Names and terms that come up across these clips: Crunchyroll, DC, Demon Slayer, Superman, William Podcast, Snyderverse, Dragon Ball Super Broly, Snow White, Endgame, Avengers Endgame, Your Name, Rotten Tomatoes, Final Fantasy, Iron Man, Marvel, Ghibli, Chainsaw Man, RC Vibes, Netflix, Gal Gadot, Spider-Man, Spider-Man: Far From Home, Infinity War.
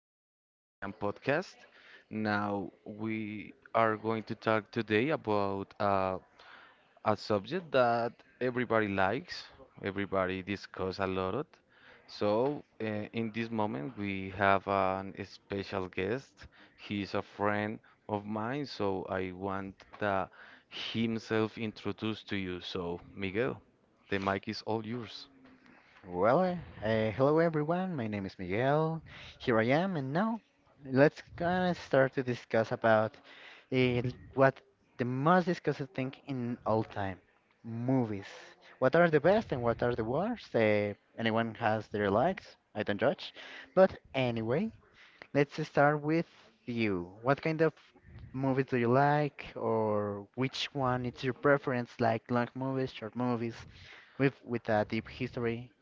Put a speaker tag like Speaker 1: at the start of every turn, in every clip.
Speaker 1: at William Podcast. Now, we are going to talk today about a subject that everybody likes, everybody discuss a lot. Of. So, in this moment, we have an special guest. He's a friend of mine, so I want himself introduced to you. So, Miguel, the mic is all yours.
Speaker 2: Well, hello everyone. My name is Miguel. Here I am, and now let's gonna start to discuss about uh, what the most discussed thing in all time, movies. What are the best and what are the worst? Anyone has their likes. I don't judge. But anyway, let's start with you. What kind of movies do you like, or which one is your preference? Like long movies, short movies, with a deep history.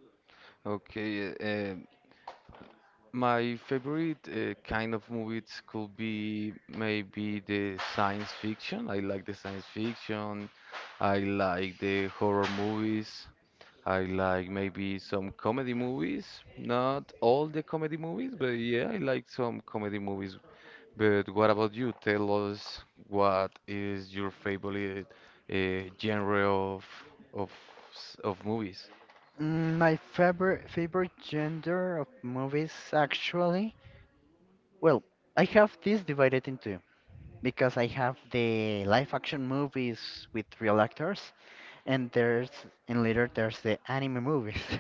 Speaker 1: Okay, my favorite kind of movies could be maybe the science fiction. I like the science fiction. I like the horror movies. I like maybe some comedy movies. Not all the comedy movies, but yeah, I like some comedy movies. But what about you? Tell us what is your favorite genre of of movies?
Speaker 2: My favorite genre of movies actually, well, I have this divided into because I have the live action movies with real actors, and there's and later there's the anime movies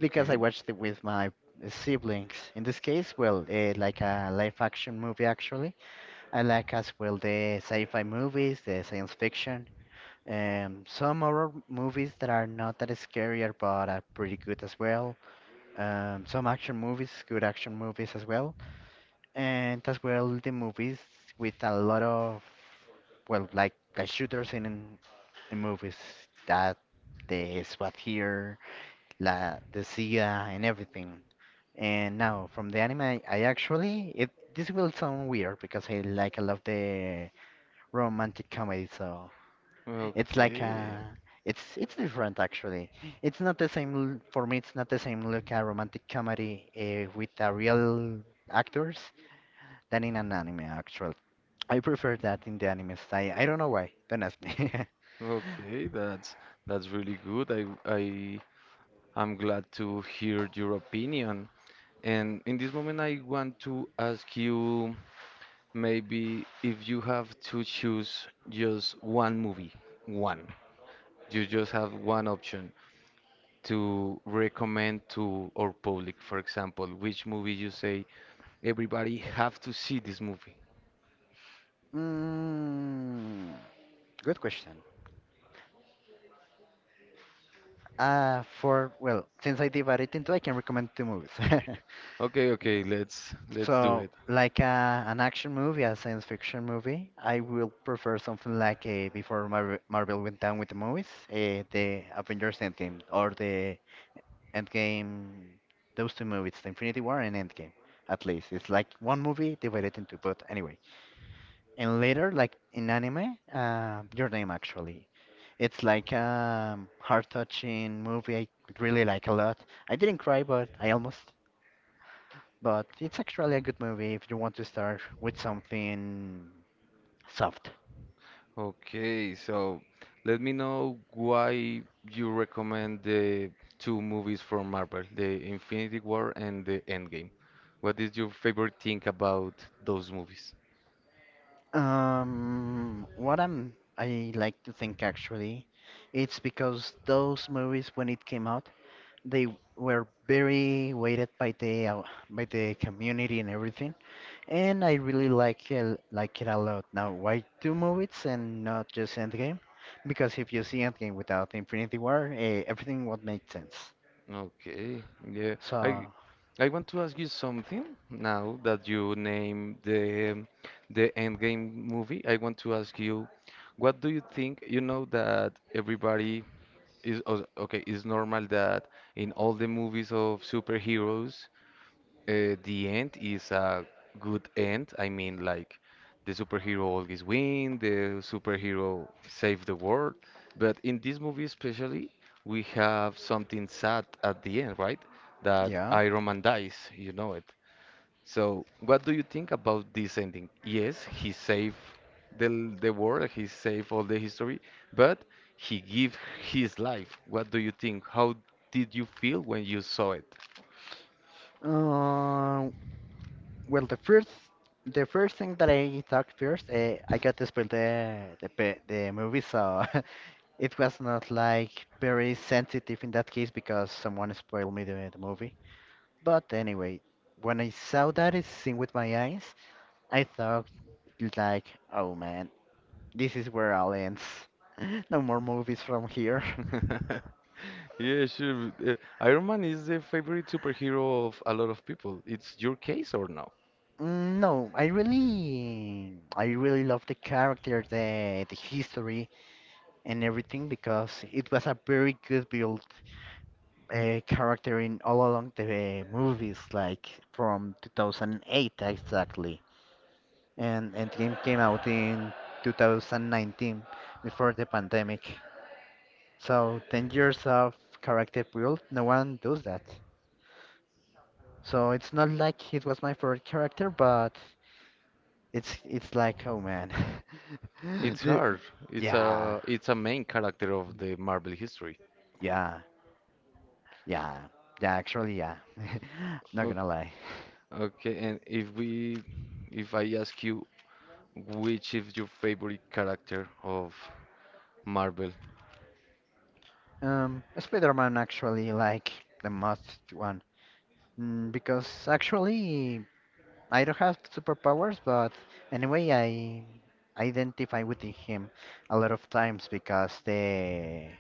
Speaker 2: because I watched it with my siblings. In this case, well, like a live action movie actually. I like as well the sci-fi movies, the science fiction. Some horror movies that are not that scary but are pretty good as well, some action movies, good action movies as well, and as well the movies with a lot of, well, like the shooters in movies that the SWAT here, la the CIA and everything. And now from the anime, I actually it this will sound weird because I love the romantic comedy, so it's like
Speaker 1: Okay.
Speaker 2: a it's different actually. It's not the same for me. It's not the same look a romantic comedy with a real actors than in an anime actually. I prefer that in the anime style. I don't know why. Don't ask me.
Speaker 1: Okay, that's really good. I am glad to hear your opinion. And in this moment, I want to ask you maybe if you have to choose just one movie, one. You just have one option to recommend to our public. For example, which movie you say everybody have to see this movie.
Speaker 2: mm, Good question. For, well, since I divided into, I can recommend two movies.
Speaker 1: Okay, okay, let's do
Speaker 2: So,
Speaker 1: it.
Speaker 2: like a, an action movie, a science fiction movie, I will prefer something like before Marvel, Marvel went down with the movies, the Avengers Endgame or the Endgame, those two movies, the Infinity War and Endgame. At least it's like one movie divided into, but anyway. And later, like in anime, Your Name actually, it's like a heart-touching movie I really like a lot. I didn't cry, but I almost. But it's actually a good movie if you want to start with something soft.
Speaker 1: Okay, so let me know why you recommend the two movies from Marvel, the Infinity War and the Endgame. What is your favorite thing about those movies?
Speaker 2: What I like to think actually, it's because those movies when it came out, they were very weighted by the community and everything, and I really like it a lot. Now, why two movies and not just Endgame? Because if you see Endgame without Infinity War, everything would make sense.
Speaker 1: Okay, yeah. I
Speaker 2: So
Speaker 1: I want to ask you something now that you name the Endgame movie. I want to ask you, what do you think? You know that everybody okay, it's normal that in all the movies of superheroes, the end is a good end. I mean, like the superhero always win, the superhero save the world. But in this movie especially, we have something sad at the end, right? That
Speaker 2: yeah.
Speaker 1: Iron Man dies, you know it. So, what do you think about this ending? Yes, he saved the world, he saved all the history, but he gave his life. What do you think? How did you feel when you saw it?
Speaker 2: Uh, Well, the first thing that I thought first, I got to spoil the movie, so it was not like very sensitive in that case because someone spoiled me the movie. But anyway, when I saw that it's seen with my eyes, I thought like, oh man, this is where all ends. No more movies from here.
Speaker 1: Yeah, sure. Iron Man is the favorite superhero of a lot of people. It's your case or no?
Speaker 2: No, I really love the character, the history and everything because it was a very good build. A character in all along the movies, like from 2008 exactly. And Endgame came out in 2019 before the pandemic. So 10 years of character build, no one does that. So it's not like it was my favorite character, but it's like oh man,
Speaker 1: It's
Speaker 2: the,
Speaker 1: hard. It's
Speaker 2: yeah,
Speaker 1: a main character of the Marvel history.
Speaker 2: yeah, yeah, yeah. Actually, yeah. Not gonna lie.
Speaker 1: Okay, and if I ask you which is your favorite character of Marvel?
Speaker 2: Spider-Man actually, like the most one. Because actually, I don't have superpowers, but anyway, I identify with him a lot of times because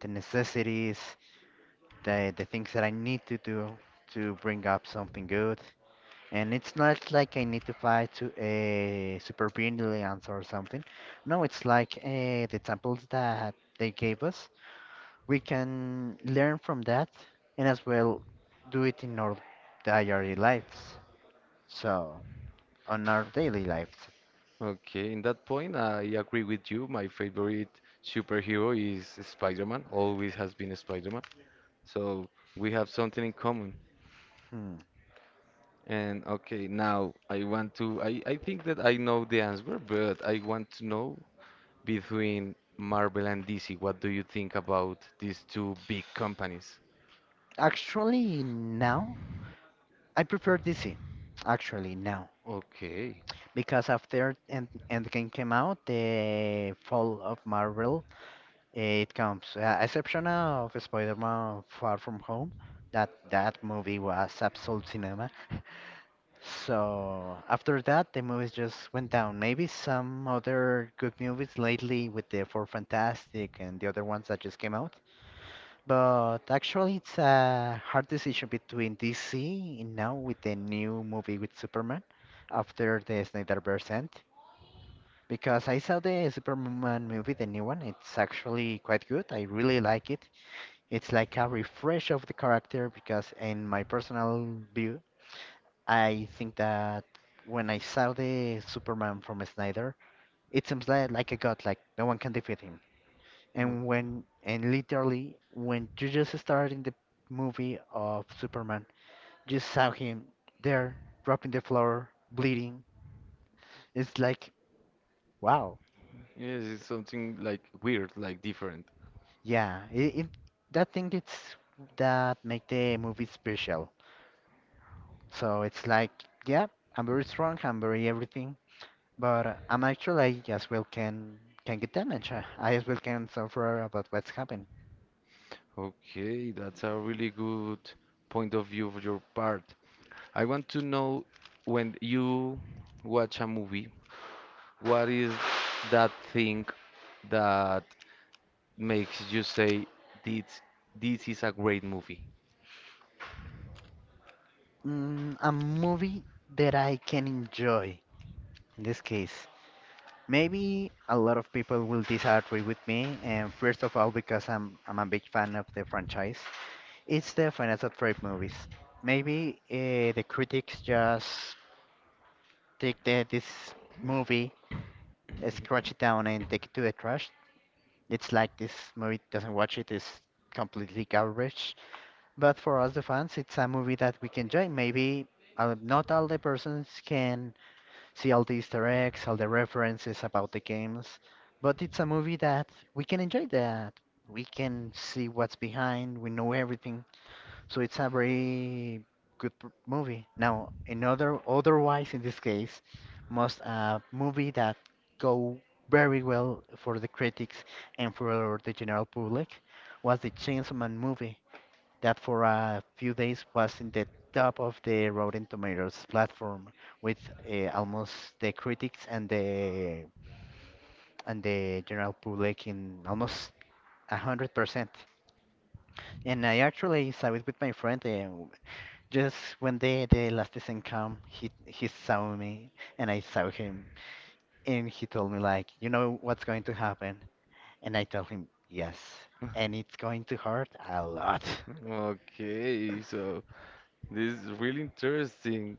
Speaker 2: the necessities, the things that I need to do to bring up something good, and it's not like I need to fight to a super brilliance or something. No, it's like the examples that they gave us. We can learn from that, and as well do it in our diary lives. So, on our daily lives,
Speaker 1: Okay, in that point, I agree with you. My favorite superhero is Spider-Man, always has been Spider-Man. So we have something in common.
Speaker 2: hmm.
Speaker 1: And okay, now I think that I know the answer, but I want to know between Marvel and DC, what do you think about these two big companies?
Speaker 2: Actually, now I prefer DC. Actually, now
Speaker 1: Okay.
Speaker 2: because after Endgame came out, the fall of Marvel it comes. Exception of Spider-Man: Far From Home. That movie was absolute cinema. So after that, the movies just went down. Maybe some other good movies lately with the Four Fantastic and the other ones that just came out. But actually, it's a hard decision between DC and now with the new movie with Superman after the Snyderverse end. Because I saw the Superman movie, the new one, it's actually quite good. I really like it. It's like a refresh of the character because, in my personal view, I think that when I saw the Superman from Snyder, it seems like a god, like no one can defeat him
Speaker 1: Okay.
Speaker 2: and literally when you just started in the movie of Superman, you saw him there dropping the floor, bleeding. It's like wow,
Speaker 1: Yes, it's something like weird, like different.
Speaker 2: yeah. It that thing it's that make the movie special. So it's like yeah, I'm very strong, I'm very everything, but I as well can get damaged. I as well can suffer about what's happened.
Speaker 1: Okay, that's a really good point of view of your part. I want to know when you watch a movie, what is that thing that makes you say this this is a great movie?
Speaker 2: A movie that I can enjoy in this case. Maybe a lot of people will disagree with me, and first of all, because I'm a big fan of the franchise, it's the Final Fantasy movies. Maybe the critics just take this movie, scratch it down, and take it to the trash. It's like this movie doesn't watch it is completely garbage. But for us, the fans, it's a movie that we can enjoy. Maybe not all the persons can see all the Easter eggs, all the references about the games. But it's a movie that we can enjoy that. We can see what's behind, we know everything. So it's a very good movie. Now, another otherwise in this case, must a movie that go very well for the critics and for the general public was the Chainsaw Man movie that for a few days was in the top of the Rotten Tomatoes platform with almost the critics and the general public in almost 100%. And I actually saw it with my friend just when the last season come, he saw me and I saw him and he told me like, you know what's going to happen? And I told him, yes. And it's going to hurt a lot.
Speaker 1: Okay, so this is really interesting.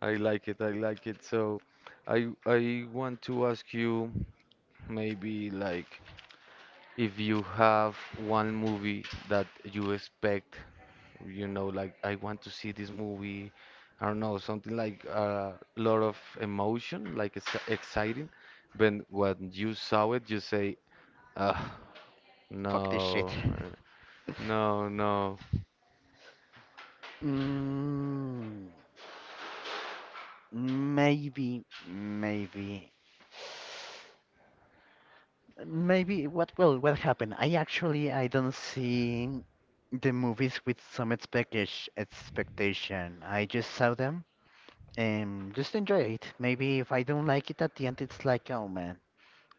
Speaker 1: I like it. I like it. So I want to ask you maybe like, if you have one movie that you expect, you know, like I want to see this movie, I don't know, something like a lot of emotion, like it's exciting, but when you saw it, you say, ah,
Speaker 2: Fuck this shit.
Speaker 1: no, no, no,
Speaker 2: Mm, Maybe, maybe. What? Well, what happened? I don't see the movies with some expectation. Expectation. I just saw them and just enjoy it. Maybe if I don't like it at the end, it's like, oh man.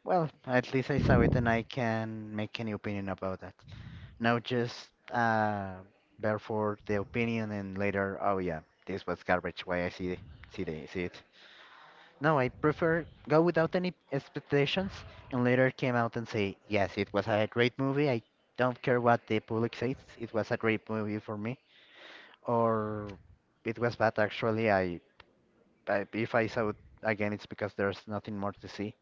Speaker 2: Well, at least I saw it and I can make any opinion about that. Not just therefore the opinion and later, oh yeah, this was garbage. Why I see it. No, I prefer go without any expectations and later came out and say yes, it was a great movie. I don't care what the public says. It was a great movie for me, or it was bad actually. I if I saw it again, it's because there's nothing more to see.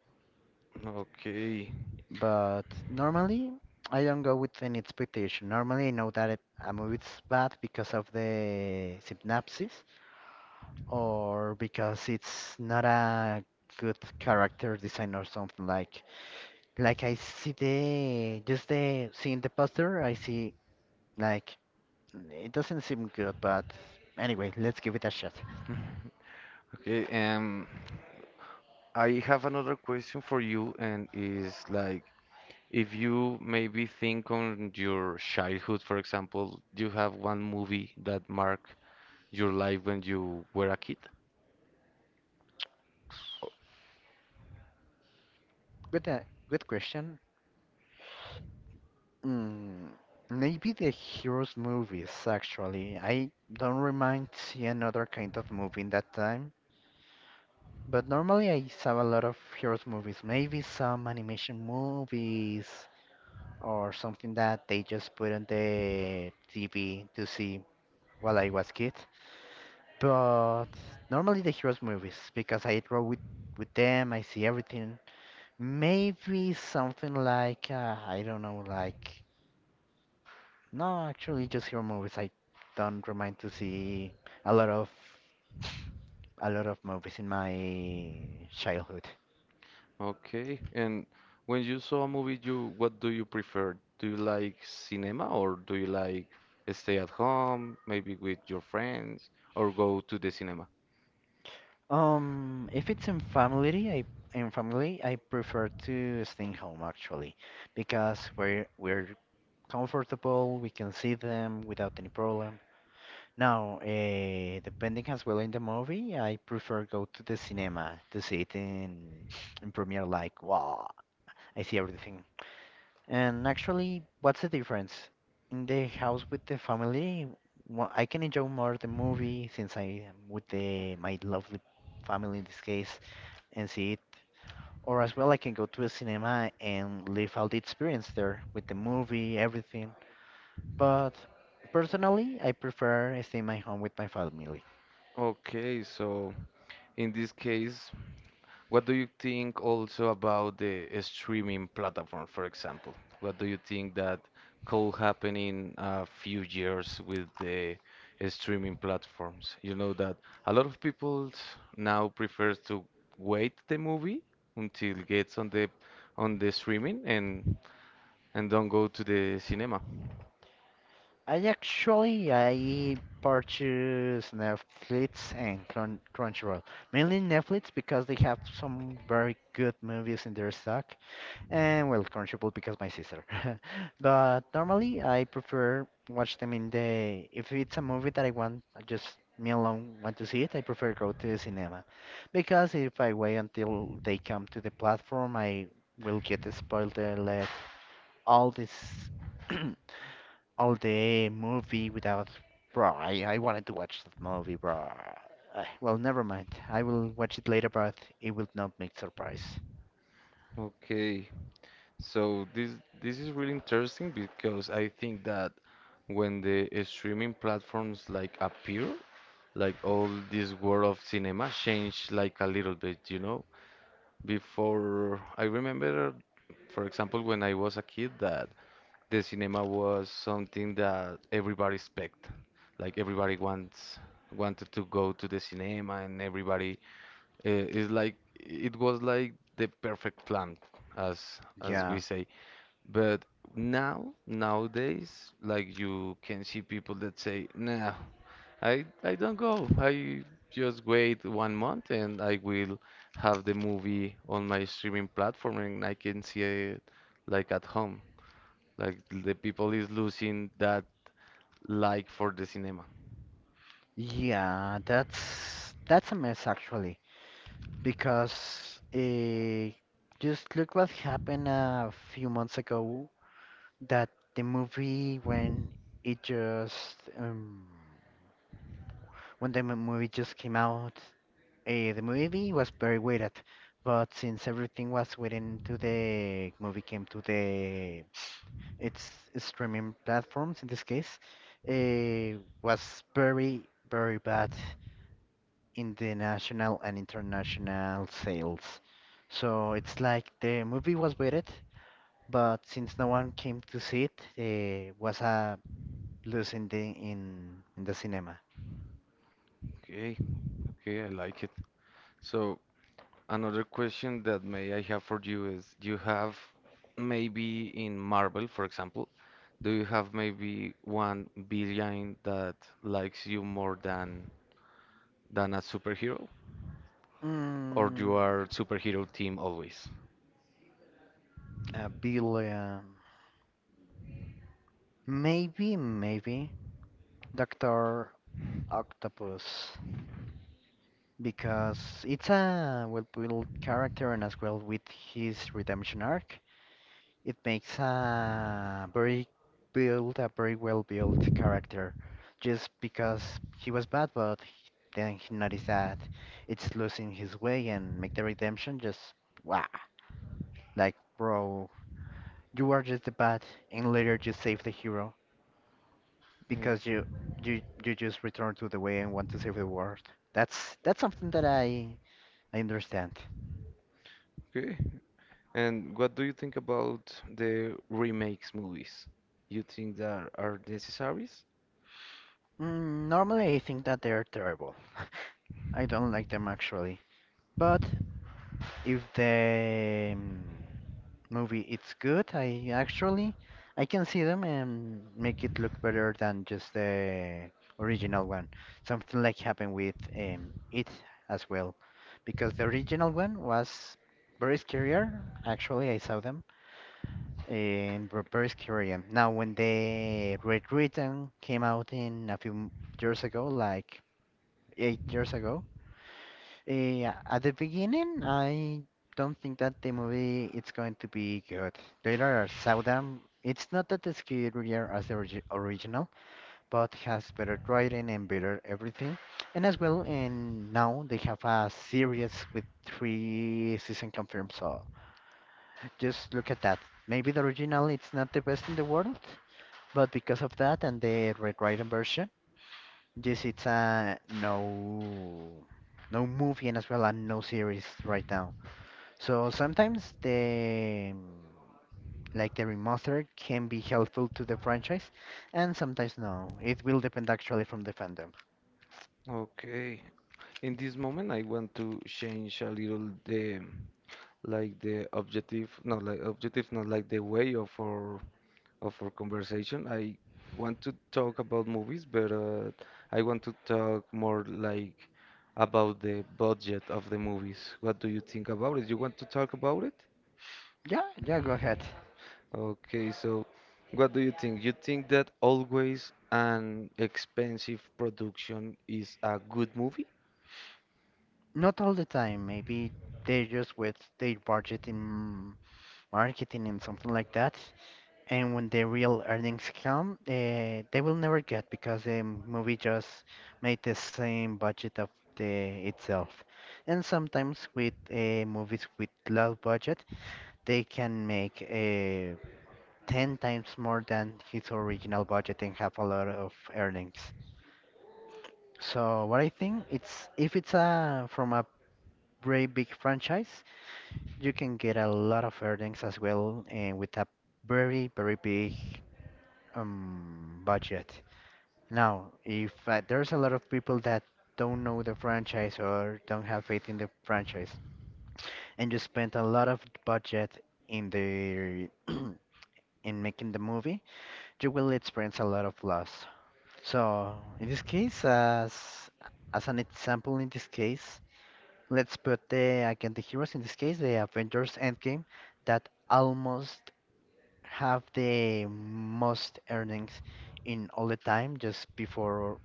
Speaker 1: okay.
Speaker 2: But normally, I don't go with any expectation. Normally, I know that a movie's bad because of the synopsis or because it's not a good character design or something like. Like I see the seeing the poster, I see like it doesn't seem good. But anyway, let's give it a shot.
Speaker 1: Okay. I have another question for you, and is like, if you maybe think on your childhood, for example, do you have one movie that marked your life when you were a kid?
Speaker 2: Good, good question. Mm, Maybe the Heroes movies, actually. I don't remind see another kind of movie in that time. But normally I saw a lot of Heroes movies, maybe some animation movies or something that they just put on the TV to see while I was kid. But normally the Heroes movies, because I grow with them, I see everything. Maybe something like, I don't know, like no, actually, just horror movies. I don't remind to see a lot of a lot of movies in my childhood.
Speaker 1: Okay, and when you saw a movie, you what do you prefer? Do you like cinema or do you like stay at home, maybe with your friends, or go to the cinema?
Speaker 2: If it's in family, I prefer to stay home actually, because we're comfortable. We can see them without any problem. Now, depending as well in the movie, I prefer go to the cinema to see it in premiere. Like, wow, I see everything. And actually, what's the difference? In the house with the family, I can enjoy more the movie since I am with the my lovely family in this case and see it. Or as well, I can go to a cinema and live out the experience there with the movie, everything. But personally, I prefer staying my home with my family.
Speaker 1: Okay, so in this case, what do you think also about the streaming platform, for example? What do you think that could happen in a few years with the streaming platforms? You know that a lot of people now prefers to wait the movie until it gets on the streaming, and don't go to the cinema.
Speaker 2: I purchase Netflix and Crunchyroll. Mainly Netflix because they have some very good movies in their stock, and well, corn shuffle because my sister. But normally, I prefer watch them in the. If it's a movie that I want, I just me alone want to see it, I prefer go to the cinema, because if I wait until they come to the platform, I will get spoiled. Let all this, all the movie without. Bro, I wanted to watch that movie, bro. Well, never mind. I will watch it later, but it will not make surprise.
Speaker 1: Okay, so this is really interesting because I think that when the streaming platforms like appear, like all this world of cinema changed like a little bit, you know? Before, I remember, for example, when I was a kid, that the cinema was something that everybody expect. Like everybody wants wanted to go to the cinema, and everybody is like, it was like the perfect plan, as we
Speaker 2: Yeah.
Speaker 1: say. But now, nowadays, like you can see people that say, "Nah, I don't go. I just wait 1 month and I will have the movie on my streaming platform and I can see it like at home." Like the people is losing that like for the cinema.
Speaker 2: Yeah, that's a mess actually, because just look what happened a few months ago that the movie when it just when the movie just came out, the movie was very waited, but since everything was waiting to the movie came to the its streaming platforms in this case, was very bad. In the national and international sales. So it's like the movie was rated, but since no one came to see it, it was a lose in the in the cinema.
Speaker 1: Okay, okay, I like it. So, another question that may I have for you is, do you have maybe in Marvel, for example, do you have maybe one villain that likes you more than a superhero? Or
Speaker 2: Mm,
Speaker 1: you are superhero team always?
Speaker 2: a billion, maybe Doctor Octopus. Because it's a well-built character and as well with his redemption arc. It makes a very build a very well built character just because he was bad, but he- then he noticed that it's losing his way and make the redemption just wow. Like, bro, you are just the bad, and later you save the hero
Speaker 1: Mm.
Speaker 2: because you just return to the way and want to save the world. That's something that I understand.
Speaker 1: Okay. And what do you think about the remakes movies? You think that are necessaries?
Speaker 2: Mm, normally, I think that they're terrible. I don't like them actually. But if the movie it's good, I can see them and make it look better than just the original one. Something like happened with it as well, because the original one was very scarier. Actually, I saw them and were very scary. And now, when the Red Return came out in a few years ago, like 8 years ago, at the beginning, I don't think that the movie it's going to be good. Later, I saw it's not that as superior as the original, but has better writing and better everything. And as well, and now they have a series with three season confirmed. So just look at that. Maybe the original it's not the best in the world, but because of that and the rewritten version. Yes, it's a no movie and as well and no series right now. So sometimes the like the remaster can be helpful to the franchise and sometimes no. It will depend actually from the fandom.
Speaker 1: Okay. In this moment, I want to change a little the, like the objective, not like the way of our conversation. I want to talk about movies, but I want to talk more like about the budget of the movies. What do you think about it? You want to talk about it?
Speaker 2: Yeah, yeah, go ahead.
Speaker 1: Okay, so what do you think? You think that always an expensive production is a good movie?
Speaker 2: Not all the time. Maybe they just with their budget in marketing and something like that. And when the real earnings come, they will never get because the movie just made the same budget of the itself. And sometimes with movies with low budget, they can make 10 times more than his original budget and have a lot of earnings. So what I think it's if it's a from a very big franchise, you can get a lot of earnings as well and with a very big budget. Now, if there's a lot of people that don't know the franchise or don't have faith in the franchise, and you spend a lot of budget in the in making the movie, you will experience a lot of loss. So, in this case, as an example, in this case, let's put the again the heroes. In this case, the Avengers Endgame, that almost have the most earnings in all the time, just before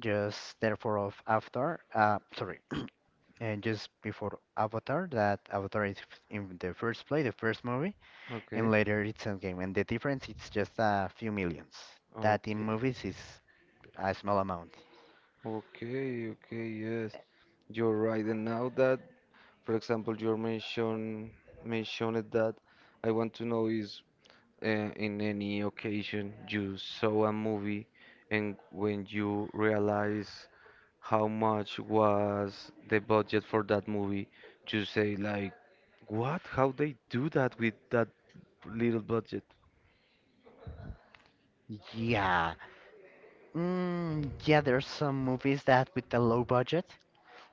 Speaker 2: just therefore of Avatar, sorry, and just before Avatar, that Avatar is in the first play, the first movie, and
Speaker 1: Okay.
Speaker 2: later it's Endgame, and the difference it's just a few millions. That in
Speaker 1: Okay.
Speaker 2: movies is a small amount.
Speaker 1: Okay, okay, yes. You're right. And now that, for example, you mentioned that, I want to know is, in any occasion you saw a movie and when you realize how much was the budget for that movie, you say like, what? How they do that with that little budget?
Speaker 2: Yeah, mm, yeah, there's some movies that with the low budget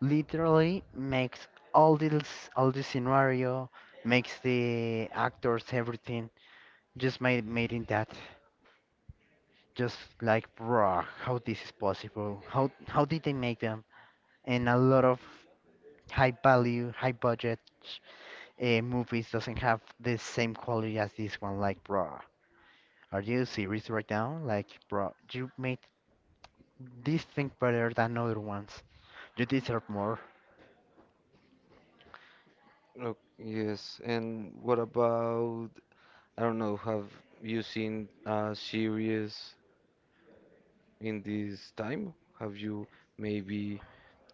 Speaker 2: literally makes all the scenario, makes the actors everything just made in that. Just like bruh how this is possible how did they make them and a lot of high value high budget movies doesn't have the same quality as this one like bruh are you serious right now like bruh you made this thing better than other ones you deserve more.
Speaker 1: Oh, yes. And what about, I don't know, have you seen a series in this time? Have you maybe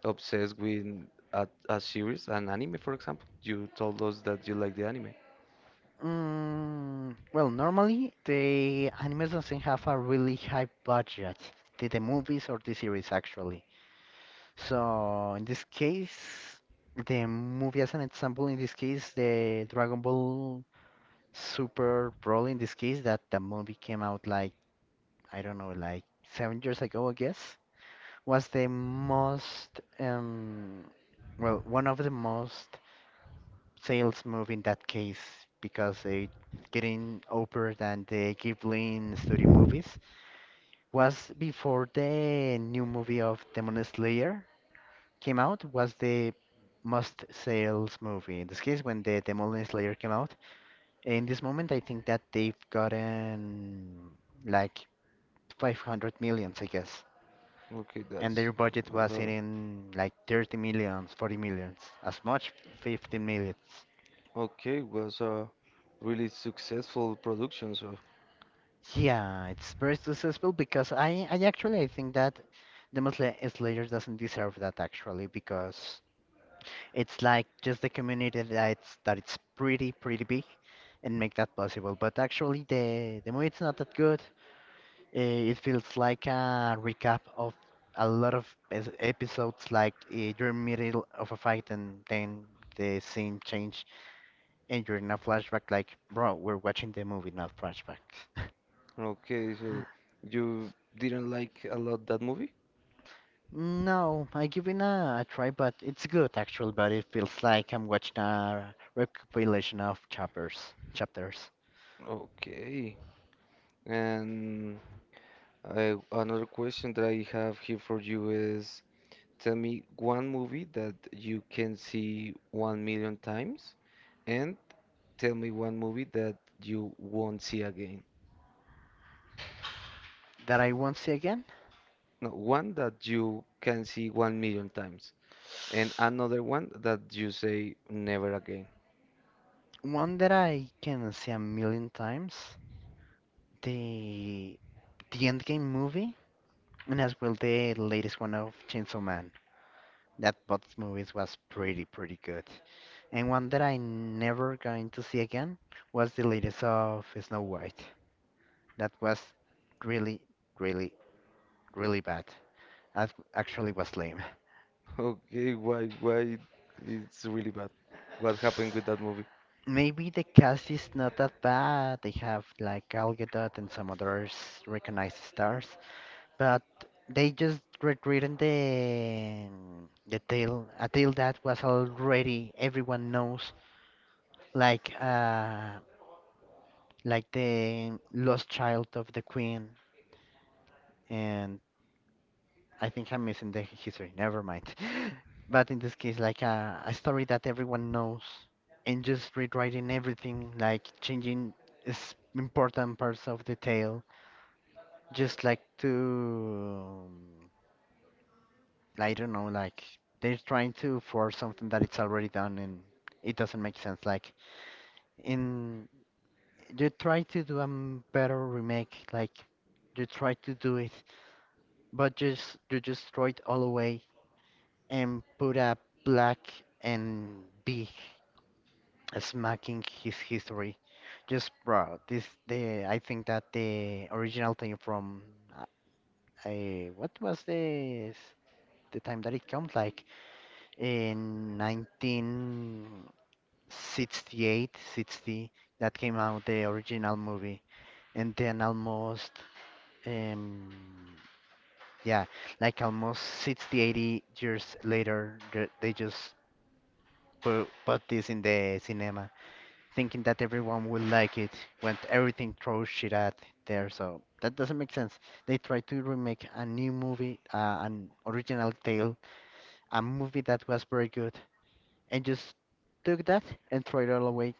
Speaker 1: obsessed with a series, an anime, for example? You told us that you like the anime.
Speaker 2: Mm, well, normally the animes doesn't have a really high budget. The movies or the series, actually. So in this case, the movie as an example, in this case, the Dragon Ball Super Broly, in this case, that the movie came out like, I don't know, like 7 years ago, I guess, was the most, well, one of the most sales movie in that case because they getting over than the Ghibli studio movies was before the new movie of Demon Slayer. Came out was the most sales movie. In this case, when the Demolition Slayer came out, in this moment, I think that they've gotten like 500 millions, I guess.
Speaker 1: Okay,
Speaker 2: And
Speaker 1: that's
Speaker 2: their budget
Speaker 1: a lot
Speaker 2: was
Speaker 1: of.
Speaker 2: in like 30 millions, 40 millions, as much 15 millions.
Speaker 1: Okay, was a really successful production, so.
Speaker 2: Yeah, it's very successful because I think that Demon Slayer doesn't deserve that actually because it's like just the community that's that it's pretty big and make that possible. But actually, the movie it's not that good. It feels like a recap of a lot of episodes, like you're in middle of a fight and then the scene change and you're in a flashback. Like, bro, we're watching the movie, not flashback.
Speaker 1: Okay, so you didn't like a lot that movie?
Speaker 2: No, I give it a try, but it's good actually. But it feels like I'm watching a recopilation of chapters, chapters.
Speaker 1: Okay. And another question that I have here for you is, tell me one movie that you can see one million times, and tell me one movie that you won't see again.
Speaker 2: That I won't see again.
Speaker 1: No, one that you can see one million times, and another one that you say never again.
Speaker 2: One that I can see a million times. The the Endgame movie, and as well the latest one of Chainsaw Man. That both movies was pretty good. And one that I never going to see again was the latest of Snow White. That was really really really bad. That actually was lame.
Speaker 1: Okay, why it's really bad? What happened with that movie?
Speaker 2: Maybe the cast is not that bad. They have like Gal Gadot and some others recognized stars, but they just rewritten the tale, a tale that was already everyone knows, like uh, like the lost child of the queen. And I think I'm missing the history. Never mind. But in this case, like a story that everyone knows, and just rewriting everything, like changing important parts of the tale, just like to I don't know, like they're trying to force something that it's already done and it doesn't make sense. Like in you try to do a better remake, like you try to do it, but just you just throw it all away and put a black and big smacking his history. Just bro, this the I think that the original thing from uh, what was this the time that it comes like in 19. 68, 60 that came out the original movie, and then almost um yeah, like almost 60, 80 years later the- they just put this in the cinema, thinking that everyone will like it when everything throws shit at there. So that doesn't make sense. They try to remake a new movie, an original tale, a movie that was very good, and just took that and throw it all away.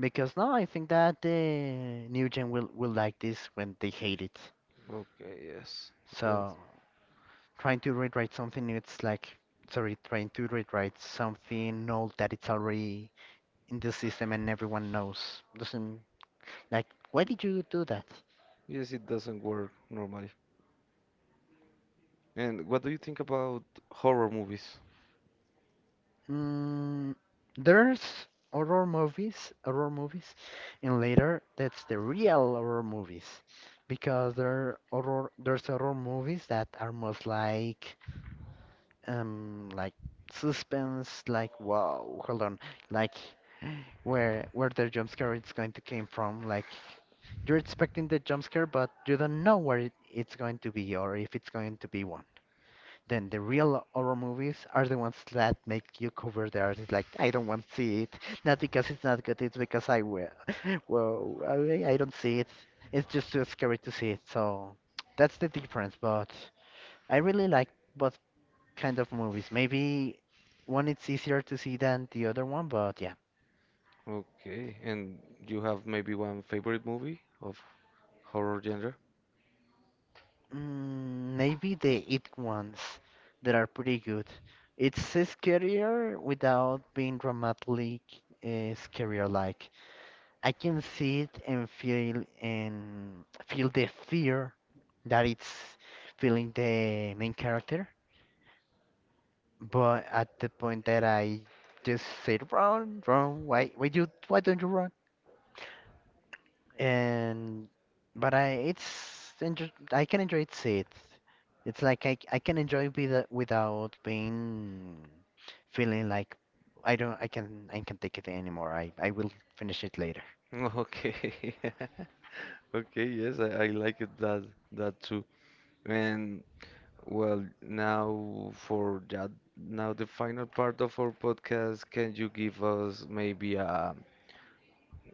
Speaker 2: Because now I think that the new gen will like this when they hate it.
Speaker 1: Okay, yes, that's,
Speaker 2: So trying to rewrite something new, it's like, sorry, trying to rewrite something old that it's already in the system and everyone knows. Doesn't, like, why did you do that?
Speaker 1: yes, it doesn't work normally. And what do you think about horror movies?
Speaker 2: Mm, there's horror movies, and later that's the real horror movies, because there are horror there's horror movies that are most like suspense, like wow, hold on, like where the jump scare it's going to came from, like you're expecting the jump scare but you don't know where it, it's going to be or if it's going to be one. Then the real horror movies are the ones that make you cover the artist like I don't want to see it. Not because it's not good, it's because I will. Well, I don't see it. It's just too scary to see it. So that's the difference. But I really like both kind of movies. Maybe one it's easier to see than the other one, but yeah.
Speaker 1: Okay, and you have maybe one favorite movie of horror genre?
Speaker 2: Mm, maybe the it ones that are pretty good. It's scarier without being dramatically scarier like. I can see it and feel the fear that it's feeling the main character. But at the point that I just said, run, run, why, why don't you run? And but I, it's enjo I can enjoy it. See it. It's like I can enjoy with, without being feeling like I don't, I can take it anymore. I will finish it later.
Speaker 1: Okay. Okay, yes, I like it, that too. And well, now for that, now the final part of our podcast, can you give us maybe a,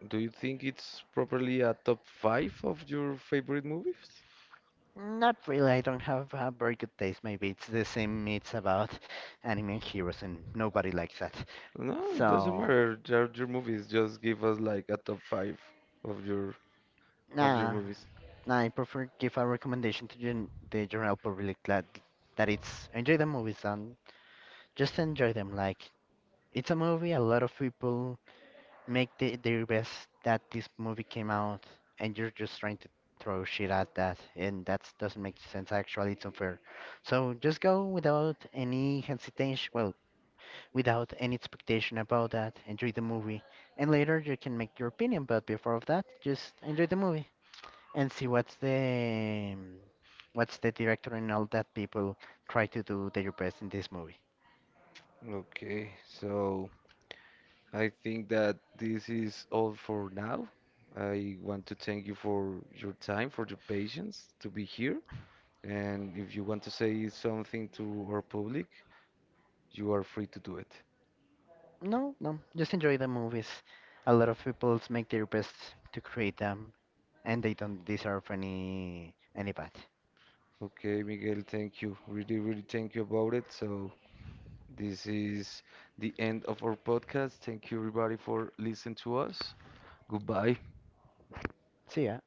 Speaker 1: do you think it's properly a top five of your favorite movies?
Speaker 2: Not really, I don't have a very good taste. Maybe it's the same, it's about anime and heroes, and nobody likes that.
Speaker 1: No, it doesn't
Speaker 2: So,
Speaker 1: matter. They're your movies. Just give us like a top five of your
Speaker 2: nah,
Speaker 1: movies.
Speaker 2: nah, I prefer give a recommendation to gen the general public that, that it's enjoy the movies and just enjoy them. Like, it's a movie, a lot of people make the, their best that this movie came out and you're just trying to throw shit at that and that doesn't make sense actually it's unfair so just go without any hesitation well without any expectation about that enjoy the movie and later you can make your opinion but before of that just enjoy the movie and see what's the director and all that people try to do their best in this movie.
Speaker 1: Okay, so, I think that this is all for now. I want to thank you for your time, for your patience to be here. And if you want to say something to our public, you are free to do it.
Speaker 2: No no just enjoy the movies a lot of people make their best to create them and they don't deserve any bad.
Speaker 1: Okay, Miguel, thank you. Really, really thank you about it. So this is the end of our podcast. Thank you everybody for listening to us. Goodbye.
Speaker 2: See ya.